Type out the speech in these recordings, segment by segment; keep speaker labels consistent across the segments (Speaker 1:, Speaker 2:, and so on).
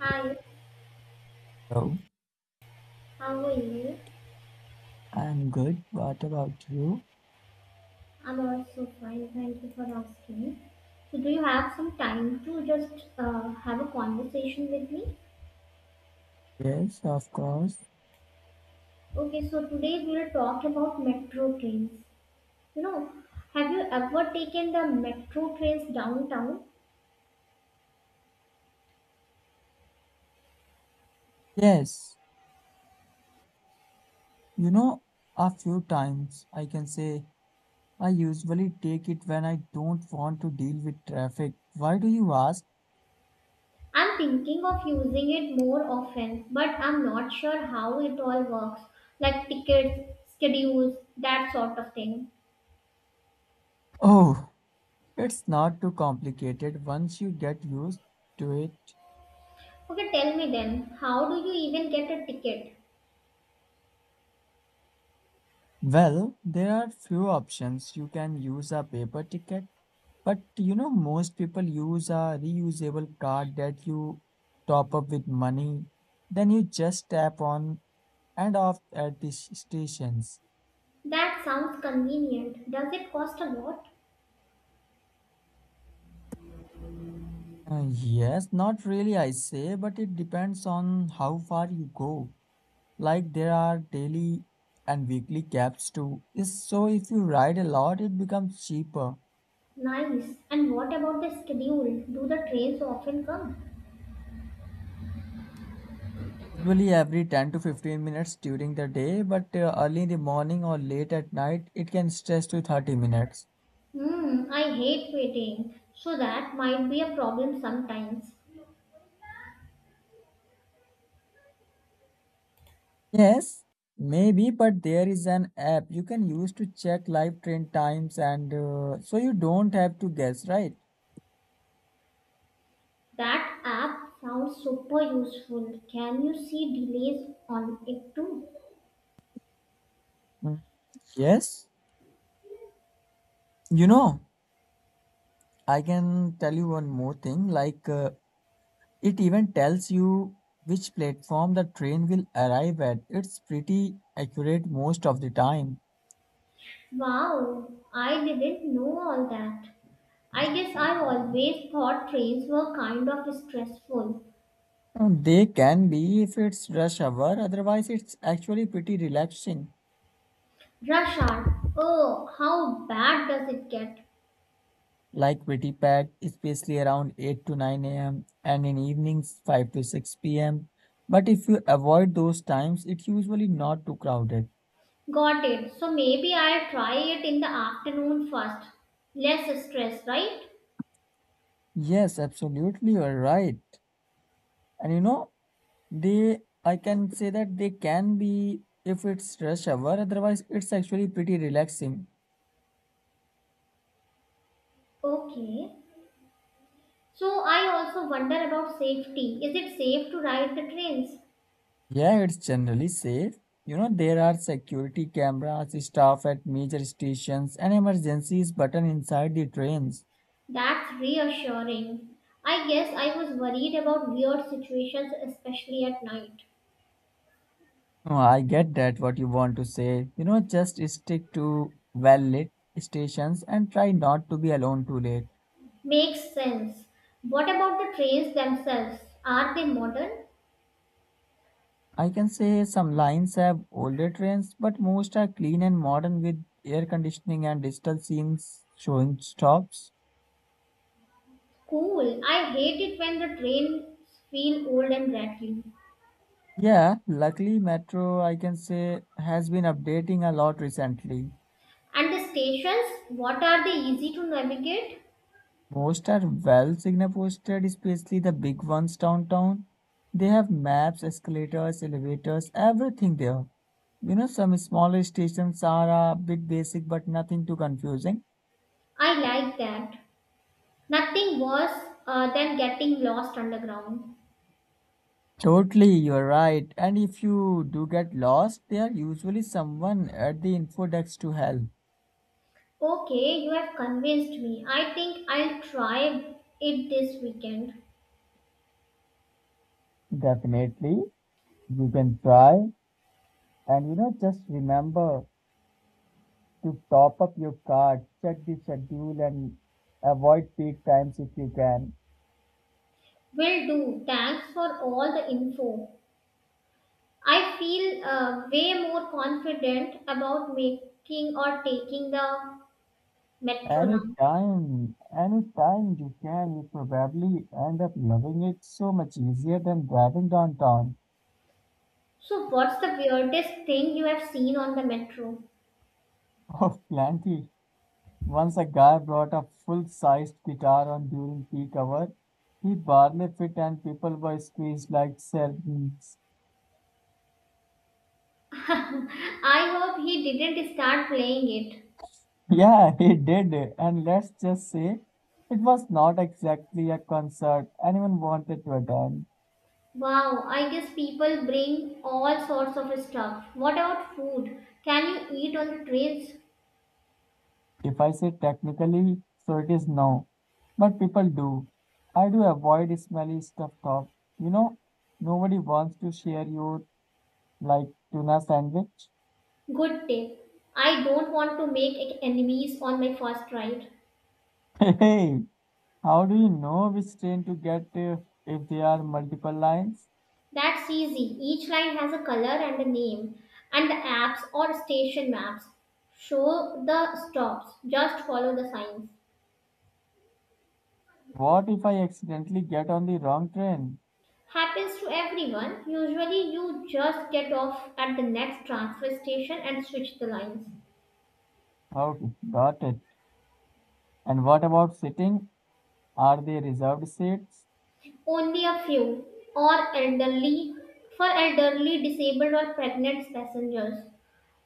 Speaker 1: Hi,
Speaker 2: Hello,
Speaker 1: how are you?
Speaker 2: I'm good. What about you?
Speaker 1: I'm also fine. Thank you for asking. So, do you have some time to just have a conversation with me?
Speaker 2: Yes, of course.
Speaker 1: Okay, so today we'll talk about metro trains. You know, have you ever taken the metro trains downtown?
Speaker 2: Yes, you know, a few times I can say I usually take it when I don't want to deal with traffic. Why do you ask?
Speaker 1: I'm thinking of using it more often, but I'm not sure how it all works, like tickets, schedules, that sort of thing.
Speaker 2: Oh, it's not too complicated once you get used to it.
Speaker 1: Okay, tell me then, how do you even get a ticket?
Speaker 2: Well, there are few options. You can use a paper ticket, but most people use a reusable card that you top up with money. Then you just tap on and off at the stations.
Speaker 1: That sounds convenient. Does it cost a lot?
Speaker 2: Yes, not really, I say, but it depends on how far you go. Like there are daily and weekly cabs too. So if you ride a lot, it becomes cheaper.
Speaker 1: Nice. And what about the schedule? Do the trains often come?
Speaker 2: Usually every 10 to 15 minutes during the day, but early in the morning or late at night, it can stretch to 30 minutes.
Speaker 1: Hmm, I hate waiting. So that might be a problem sometimes.
Speaker 2: Yes, maybe, but there is an app you can use to check live train times, and so you don't have to guess, right?
Speaker 1: That app sounds super useful. Can you see delays on it too?
Speaker 2: Mm, yes. You know, I can tell you one more thing. It even tells you which platform the train will arrive at. It's pretty accurate most of the time.
Speaker 1: Wow, I didn't know all that. I guess I always thought trains were kind of stressful.
Speaker 2: They can be if it's rush hour; otherwise, it's actually pretty relaxing.
Speaker 1: Rush hour. Oh, how bad does it get?
Speaker 2: Like, pretty packed, especially around 8 to 9 a.m. and in evenings 5 to 6 p.m. But if you avoid those times, it's usually not too crowded.
Speaker 1: Got it. So maybe I'll try it in the afternoon first. Less stress, right?
Speaker 2: Yes, absolutely, you're right. And I can say that they can be if it's rush hour, otherwise it's actually pretty relaxing.
Speaker 1: Okay. So I also wonder about safety. Is it safe to ride the trains?
Speaker 2: Yeah, it's generally safe. There are security cameras, staff at major stations, and emergencies button inside the trains.
Speaker 1: That's reassuring. I guess I was worried about weird situations, especially at night.
Speaker 2: Oh, I get that what you want to say. Just stick to well lit stations and try not to be alone too late.
Speaker 1: Makes sense. What about the trains themselves? Are they modern?
Speaker 2: I can say some lines have older trains, but most are clean and modern with air conditioning and digital scenes showing stops.
Speaker 1: Cool. I hate it when the trains feel old and rattly.
Speaker 2: Yeah, luckily Metro, I can say, has been updating a lot recently.
Speaker 1: And the stations, what are they easy to navigate?
Speaker 2: Most are well signal posted, especially the big ones downtown. They have maps, escalators, elevators, everything there. Some smaller stations are a bit basic but nothing too confusing.
Speaker 1: I like that. Nothing worse than getting lost underground.
Speaker 2: Totally, you're right. And if you do get lost, there usually someone at the info desk to help.
Speaker 1: Okay, you have convinced me. I think I'll try it this weekend.
Speaker 2: Definitely, you can try. And just remember to top up your card, check the schedule, and avoid peak times if you can.
Speaker 1: Will do. Thanks for all the info. I feel way more confident about making or taking the metro now.
Speaker 2: Anytime, anytime you can, you probably end up loving it so much easier than driving downtown.
Speaker 1: So, what's the weirdest thing you have seen on the metro?
Speaker 2: Oh, plenty. Once a guy brought a full-sized guitar on during peak hour. He barely fit and people were squeezed like sardines.
Speaker 1: I hope he didn't start playing it.
Speaker 2: Yeah, he did. And let's just say it was not exactly a concert anyone wanted to attend.
Speaker 1: Wow, I guess people bring all sorts of stuff. What about food? Can you eat on trains?
Speaker 2: If I say technically, so it is no. But people do. I do avoid smelly stuff Top, You know, nobody wants to share your like tuna sandwich.
Speaker 1: Good tip. I don't want to make enemies on my first ride.
Speaker 2: Hey, how do you know which train to get if there are multiple lines?
Speaker 1: That's easy. Each line has a color and a name, and the apps or station maps show the stops. Just follow the signs.
Speaker 2: What if I accidentally get on the wrong train?
Speaker 1: Happens to everyone. Usually, you just get off at the next transfer station and switch the lines.
Speaker 2: Okay, got it. And what about sitting? Are there reserved seats?
Speaker 1: Only a few, or elderly, for elderly, disabled, or pregnant passengers.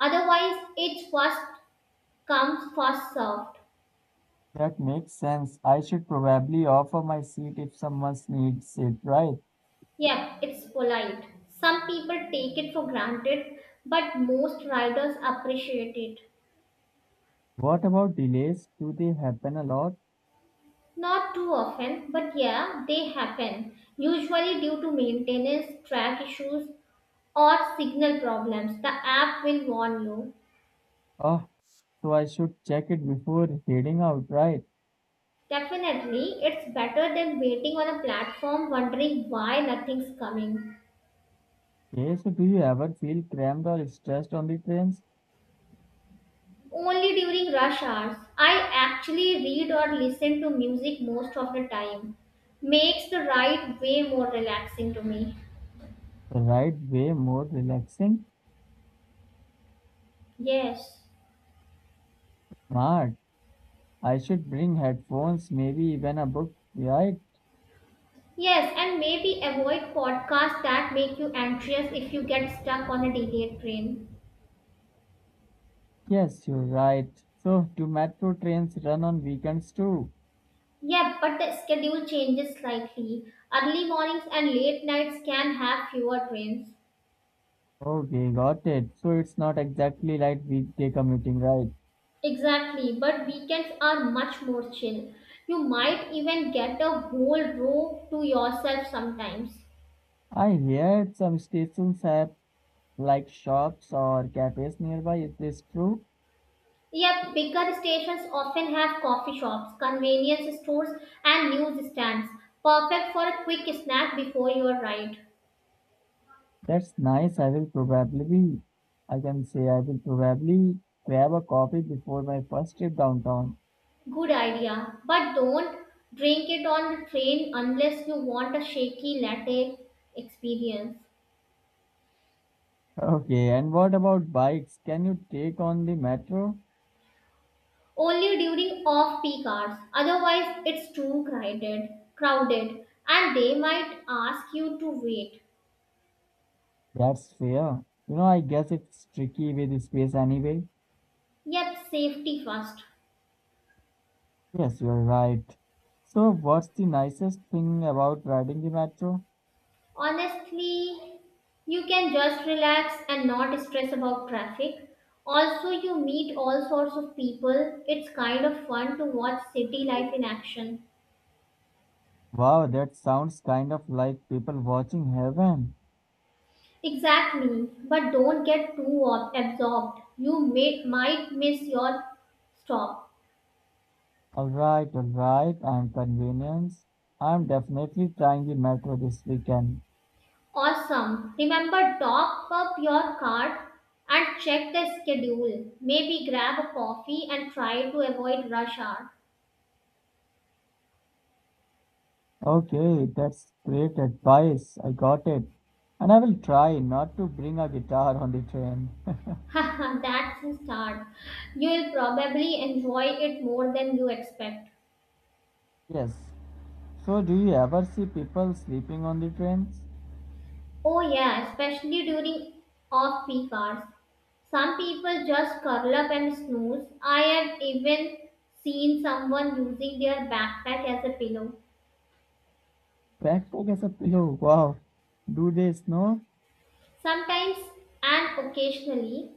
Speaker 1: Otherwise, it's first comes, first served.
Speaker 2: That makes sense. I should probably offer my seat if someone needs it, right?
Speaker 1: Yep, it's polite. Some people take it for granted, but most riders appreciate it.
Speaker 2: What about delays? Do they happen a lot?
Speaker 1: Not too often, but yeah, they happen. Usually due to maintenance, track issues, or signal problems. The app will warn you.
Speaker 2: Oh, so I should check it before heading out, right?
Speaker 1: Definitely, it's better than waiting on a platform wondering why nothing's coming.
Speaker 2: Okay, so do you ever feel cramped or stressed on the trains?
Speaker 1: Only during rush hours, I actually read or listen to music most of the time. Makes the ride way more relaxing to me.
Speaker 2: The right way more relaxing?
Speaker 1: Yes.
Speaker 2: Smart. I should bring headphones, maybe even a book, right?
Speaker 1: Yes, and maybe avoid podcasts that make you anxious if you get stuck on a delayed train.
Speaker 2: Yes, you're right. So, do metro trains run on weekends too?
Speaker 1: Yeah, but the schedule changes slightly. Early mornings and late nights can have fewer trains.
Speaker 2: Okay, got it. So, it's not exactly like weekday commuting, right?
Speaker 1: Exactly, but weekends are much more chill. You might even get a whole row to yourself sometimes.
Speaker 2: I heard some stations have like shops or cafes nearby. Is this true?
Speaker 1: Yep, bigger stations often have coffee shops, convenience stores, and newsstands. Perfect for a quick snack before your ride.
Speaker 2: That's nice. I can say, I will probably grab a coffee before my first trip downtown.
Speaker 1: Good idea, but don't drink it on the train unless you want a shaky latte experience.
Speaker 2: Okay, and what about bikes? Can you take on the metro?
Speaker 1: Only during off peak hours, otherwise it's too crowded and they might ask you to wait.
Speaker 2: That's fair. I guess it's tricky with space anyway.
Speaker 1: Yet safety first.
Speaker 2: Yes, you're right. So, what's the nicest thing about riding the metro?
Speaker 1: Honestly, you can just relax and not stress about traffic. Also, you meet all sorts of people. It's kind of fun to watch city life in action.
Speaker 2: Wow, that sounds kind of like people watching heaven.
Speaker 1: Exactly, but don't get too absorbed. You may might miss your stop.
Speaker 2: Alright, alright, I'm convenience. I'm definitely trying the metro this weekend.
Speaker 1: Awesome. Remember, top up your card and check the schedule. Maybe grab a coffee and try to avoid rush hour.
Speaker 2: Okay, that's great advice. I got it. And I will try not to bring a guitar on the train.
Speaker 1: Haha, that's a start. You'll probably enjoy it more than you expect.
Speaker 2: Yes. So, do you ever see people sleeping on the trains?
Speaker 1: Oh, yeah, especially during off peak hours. Some people just curl up and snooze. I have even seen someone using their backpack as a pillow.
Speaker 2: Backpack as a pillow. Wow. Do they snow?
Speaker 1: Sometimes and occasionally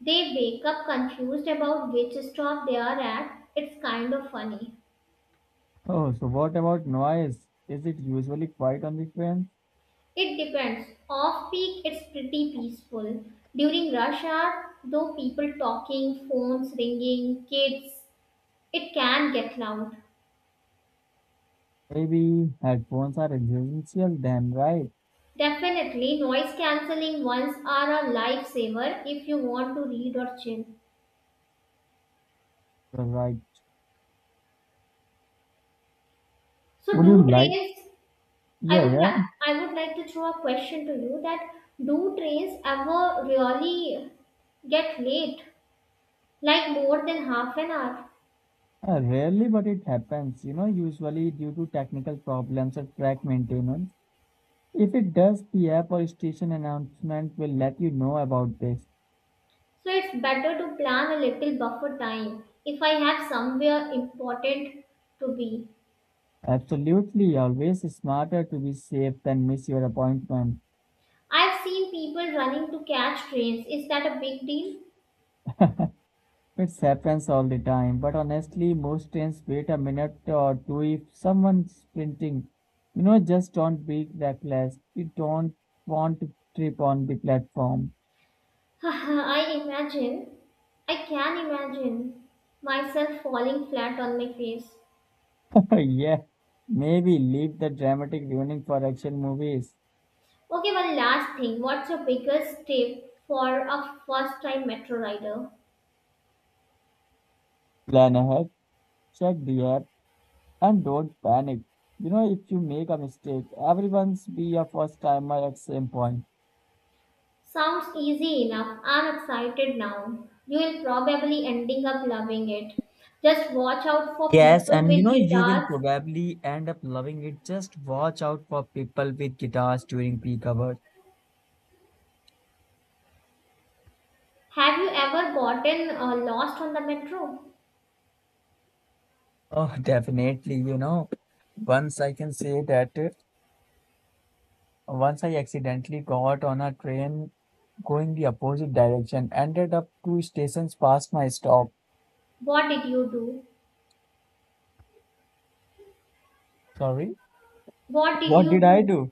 Speaker 1: they wake up confused about which stop they are at. It's kind of funny.
Speaker 2: Oh, so what about noise? Is it usually quiet on the train?
Speaker 1: It depends. Off peak, it's pretty peaceful. During rush hour, though, people talking, phones ringing, kids, it can get loud.
Speaker 2: Maybe headphones are essential. Damn right.
Speaker 1: Definitely, noise cancelling ones are a lifesaver if you want to read or chill.
Speaker 2: You're right.
Speaker 1: So,
Speaker 2: Would you
Speaker 1: do
Speaker 2: like?
Speaker 1: trains?
Speaker 2: Yeah, yeah.
Speaker 1: I would like to throw a question to you that do trains ever really get late? Like more than half an hour.
Speaker 2: Rarely, but it happens. Usually due to technical problems or track maintenance. If it does, the app or station announcement will let you know about this.
Speaker 1: So it's better to plan a little buffer time if I have somewhere important to be.
Speaker 2: Absolutely, always smarter to be safe than miss your appointment.
Speaker 1: I've seen people running to catch trains. Is that a big deal?
Speaker 2: It happens all the time, but honestly, most trains wait a minute or two if someone's sprinting. Just don't be reckless. We don't want to trip on the platform.
Speaker 1: I imagine. I can imagine myself falling flat on my face.
Speaker 2: yeah, maybe leave the dramatic ruining for action movies.
Speaker 1: Okay, one last thing. What's your biggest tip for a first time metro rider?
Speaker 2: Plan ahead, check the app, and don't panic. If you make a mistake, everyone's be a first timer at same point.
Speaker 1: Sounds easy enough. I'm excited now. You'll probably ending up loving it. Just watch out for
Speaker 2: Yes,
Speaker 1: people
Speaker 2: and
Speaker 1: with
Speaker 2: you will
Speaker 1: guitars.
Speaker 2: probably end up loving it. Just watch out for people with guitars during peak hours.
Speaker 1: Have you ever gotten lost on the metro?
Speaker 2: Oh, definitely, Once I can say that once I accidentally got on a train going the opposite direction, ended up two stations past my stop.
Speaker 1: What did you do?
Speaker 2: Sorry,
Speaker 1: What did
Speaker 2: what
Speaker 1: you
Speaker 2: did I
Speaker 1: do?
Speaker 2: do?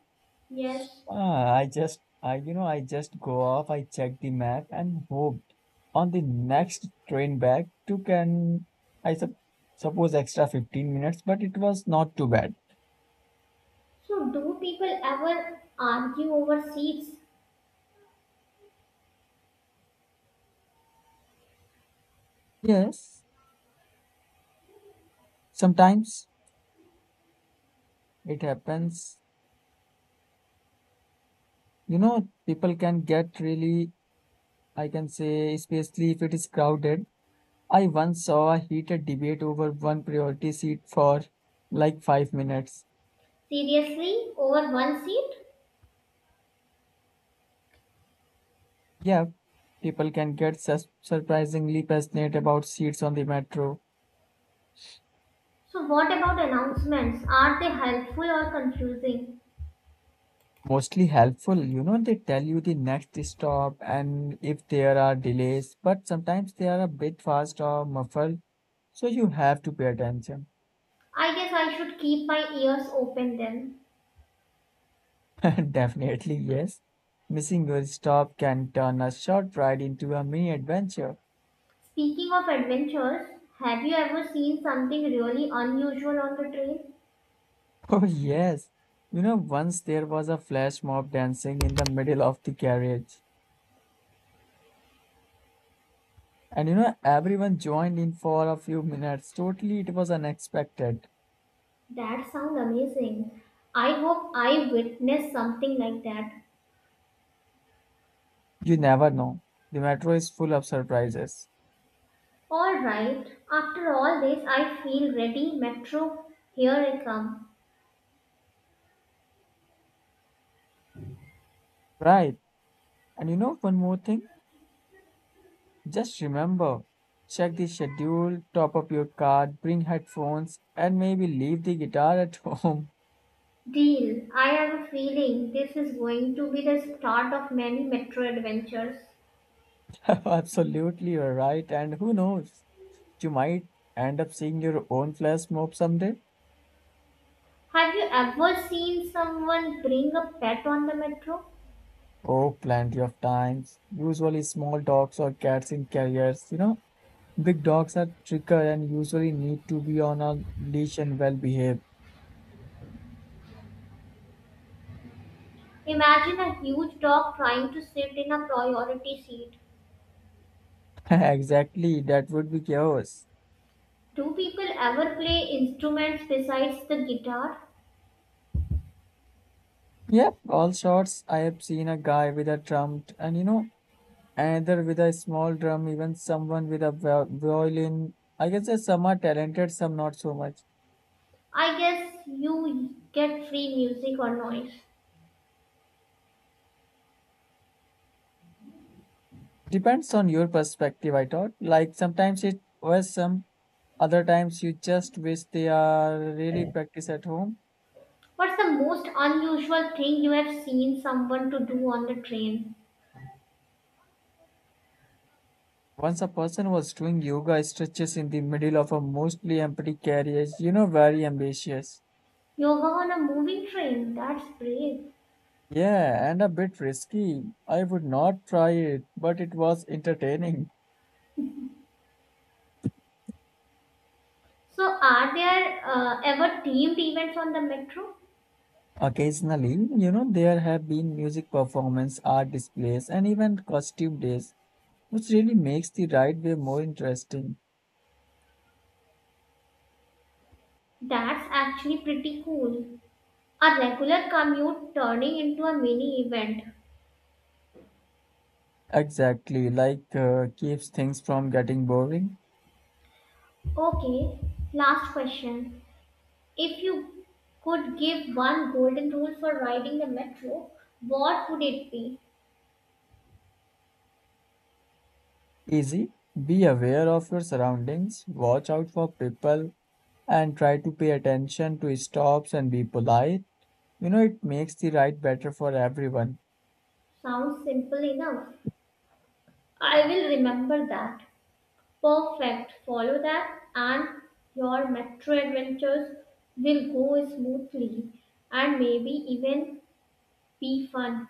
Speaker 1: Yes.
Speaker 2: Ah, I just go off, I check the map and hoped on the next train back took an, I sup suppose extra 15 minutes, but it was not too bad.
Speaker 1: So, do people ever argue over seats?
Speaker 2: Yes. Sometimes it happens, people can get really, I can say, especially if it is crowded. I once saw a heated debate over one priority seat for like 5 minutes.
Speaker 1: Seriously? Over one seat?
Speaker 2: Yeah, people can get surprisingly passionate about seats on the metro.
Speaker 1: So, what about announcements? Are they helpful or confusing?
Speaker 2: Mostly helpful, they tell you the next stop and if there are delays, but sometimes they are a bit fast or muffled, so you have to pay attention.
Speaker 1: I guess I should keep my ears open then.
Speaker 2: Definitely, yes. Missing your stop can turn a short ride into a mini adventure.
Speaker 1: Speaking of adventures, have you ever seen something really unusual on the train?
Speaker 2: Oh, yes. Once there was a flash mob dancing in the middle of the carriage. And everyone joined in for a few minutes. Totally, it was unexpected.
Speaker 1: That sounds amazing. I hope I witnessed something like that.
Speaker 2: You never know. The metro is full of surprises.
Speaker 1: Alright, after all this, I feel ready. Metro, here I come.
Speaker 2: Right. And one more thing. Just remember, check the schedule, top up your card, bring headphones, and maybe leave the guitar at home.
Speaker 1: Deal, I have a feeling this is going to be the start of many metro adventures.
Speaker 2: Absolutely, you're right. And who knows? You might end up seeing your own flash mob someday.
Speaker 1: Have you ever seen someone bring a pet on the metro?
Speaker 2: Oh, plenty of times. Usually small dogs or cats in carriers, big dogs are trickier and usually need to be on a leash and well behaved.
Speaker 1: Imagine a huge dog trying to sit in a priority seat.
Speaker 2: exactly, that would be chaos.
Speaker 1: Do people ever play instruments besides the guitar?
Speaker 2: Yep, all sorts. I have seen a guy with a and another with a small drum, even someone with a violin. I guess that some are talented, some not so much.
Speaker 1: I guess you get free music or noise.
Speaker 2: Depends on your perspective, I thought. Like sometimes it was some, other times you just wish they are really practice at home.
Speaker 1: What's the most unusual thing you have seen someone to do on the train?
Speaker 2: Once a person was doing yoga stretches in the middle of a mostly empty carriage, very ambitious.
Speaker 1: Yoga on a moving train. That's brave.
Speaker 2: Yeah, and a bit risky. I would not try it, but it was entertaining.
Speaker 1: So, are there ever themed events on the metro?
Speaker 2: Occasionally, there have been music performance, art displays, and even costume days, which really makes the ride way more interesting.
Speaker 1: That's actually pretty cool. A regular commute turning into a mini event.
Speaker 2: Exactly, keeps things from getting boring.
Speaker 1: Okay, last question. If you could give one golden rule for riding the metro, what would it be?
Speaker 2: Easy. Be aware of your surroundings, watch out for people, and try to pay attention to stops and be polite, it makes the ride better for everyone.
Speaker 1: Sounds simple enough. I will remember that. Perfect. Follow that, and your metro adventures will go smoothly and maybe even be fun.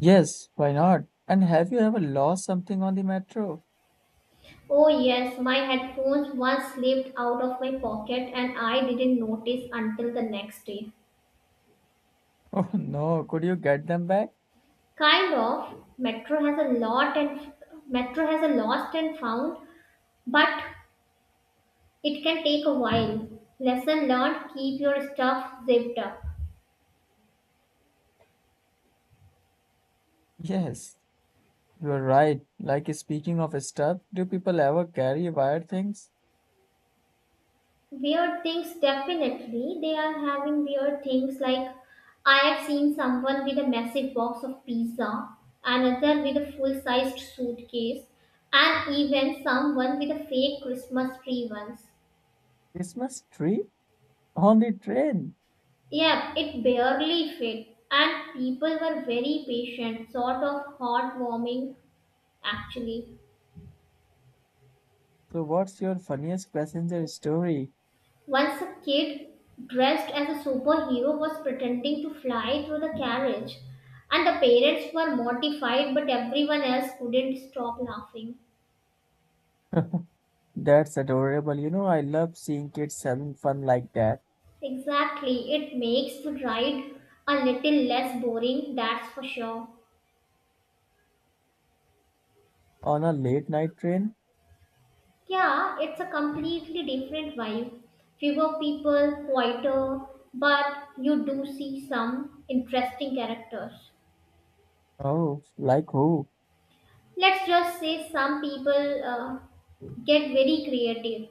Speaker 2: Yes, why not? And have you ever lost something on the metro?
Speaker 1: Oh, yes, my headphones once slipped out of my pocket and I didn't notice until the next day.
Speaker 2: Oh no, could you get them back?
Speaker 1: Kind of. Metro has a lost and found, but it can take a while. Lesson learned, keep your stuff zipped up.
Speaker 2: Yes, you are right. Like speaking of stuff, do people ever carry wired things?
Speaker 1: Weird things, definitely. They are having weird things like I have seen someone with a massive box of pizza, another with a full sized suitcase, and even someone with a fake Christmas tree once.
Speaker 2: Christmas tree on the train.
Speaker 1: Yeah, it barely fit, and people were very patient, sort of heartwarming actually.
Speaker 2: So what's your funniest passenger story?
Speaker 1: Once a kid dressed as a superhero was pretending to fly through the carriage, and the parents were mortified, but everyone else couldn't stop laughing.
Speaker 2: That's adorable. I love seeing kids having fun like that
Speaker 1: Exactly, it makes the ride a little less boring, that's for sure.
Speaker 2: on a late night train.
Speaker 1: Yeah, it's a completely different vibe. Fewer people, quieter, but you do see some interesting characters.
Speaker 2: Oh, like who?
Speaker 1: Let's just say some people get very creative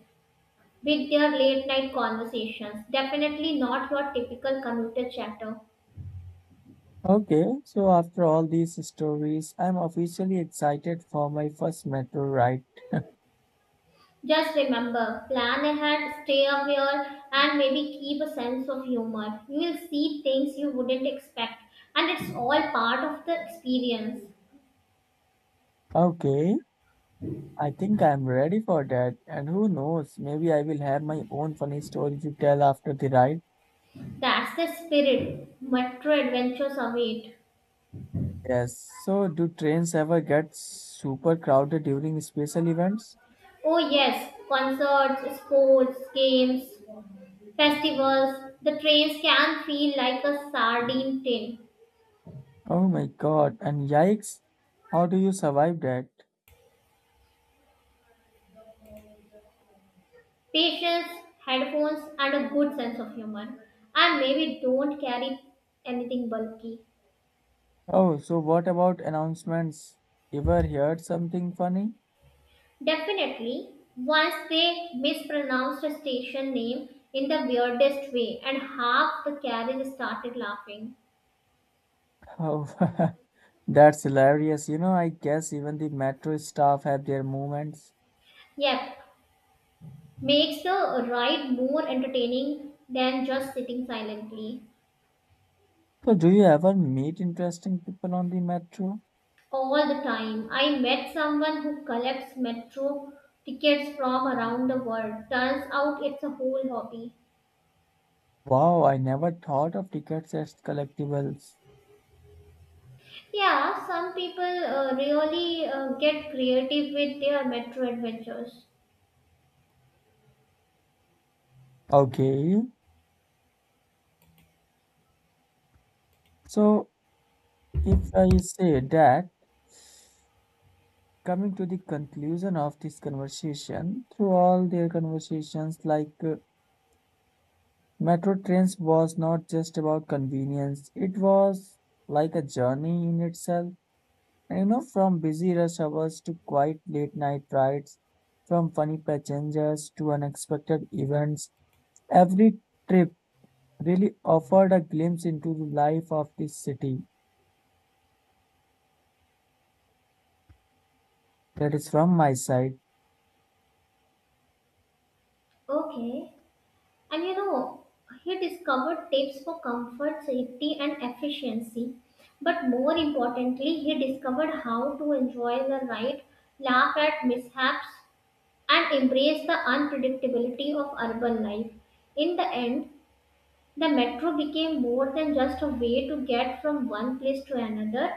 Speaker 1: with their late night conversations. Definitely not your typical commuter chatter.
Speaker 2: Okay, so after all these stories, I'm officially excited for my first metro ride.
Speaker 1: Just remember, plan ahead, stay aware, and maybe keep a sense of humor. You will see things you wouldn't expect, and it's all part of the experience.
Speaker 2: Okay, I think I'm ready for that. And who knows, maybe I will have my own funny story to tell after the ride.
Speaker 1: That's the spirit. Metro adventures await.
Speaker 2: Yes, so do trains ever get super crowded during special events?
Speaker 1: Oh, yes, concerts, sports, games, festivals. The trains can feel like a sardine tin.
Speaker 2: Oh my God, and yikes, how do you survive that?
Speaker 1: Patience, headphones, and a good sense of humor. And maybe don't carry anything bulky.
Speaker 2: Oh, so what about announcements? Ever heard something funny?
Speaker 1: Definitely, once they mispronounced a station name in the weirdest way, and half the carriage started laughing.
Speaker 2: Oh, that's hilarious. I guess even the metro staff have their moments.
Speaker 1: Yep, makes the ride more entertaining than just sitting silently
Speaker 2: So, do you ever meet interesting people on the metro?
Speaker 1: all the time. I met someone who collects metro tickets from around the world. Turns out it's a whole hobby.
Speaker 2: Wow, I never thought of tickets as collectibles.
Speaker 1: Yeah, some people really get creative with their metro adventures.
Speaker 2: Okay, so if I say that, coming to the conclusion of this conversation, through all their conversations, metro trains was not just about convenience, it was like a journey in itself. And, from busy rush hours to quiet late night rides, from funny passengers to unexpected events, every trip really offered a glimpse into the life of this city. That is from my side.
Speaker 1: Okay. And you know, he discovered tips for comfort, safety, and efficiency. But more importantly, he discovered how to enjoy the ride, laugh at mishaps, and embrace the unpredictability of urban life. In the end, the metro became more than just a way to get from one place to another.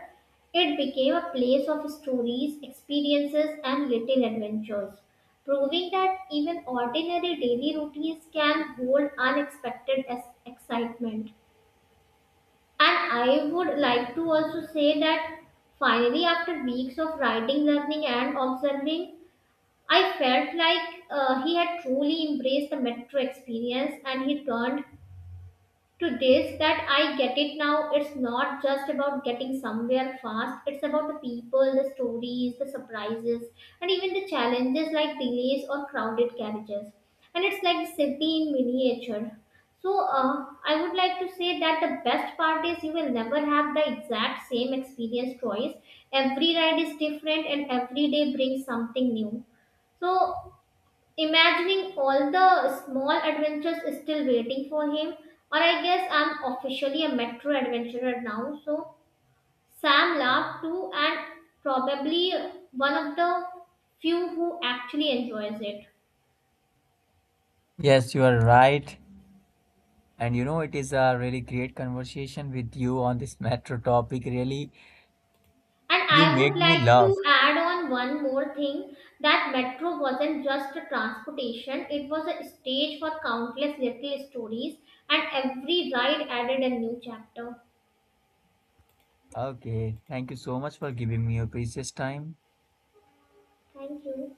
Speaker 1: It became a place of stories, experiences, and little adventures, proving that even ordinary daily routines can hold unexpected excitement. And I would like to also say that finally, after weeks of riding, learning, and observing, I felt like he had truly embraced the metro experience, and he turned to this that I get it now. It's not just about getting somewhere fast, it's about the people, the stories, the surprises, and even the challenges like delays or crowded carriages. And it's like a city in miniature. So, I would like to say that the best part is you will never have the exact same experience twice. Every ride is different, and every day brings something new. So imagining all the small adventures still waiting for him. Or I guess I'm officially a metro adventurer now. So Sam laughed too, and probably one of the few who actually enjoys it.
Speaker 2: Yes, you are right. And it is a really great conversation with you on this metro topic. Really,
Speaker 1: And
Speaker 2: you
Speaker 1: I would
Speaker 2: make me
Speaker 1: like
Speaker 2: laugh.
Speaker 1: to add on one more thing that metro wasn't just a transportation, it was a stage for countless little stories, and every ride added a new chapter.
Speaker 2: Okay, thank you so much for giving me your precious time.
Speaker 1: Thank you.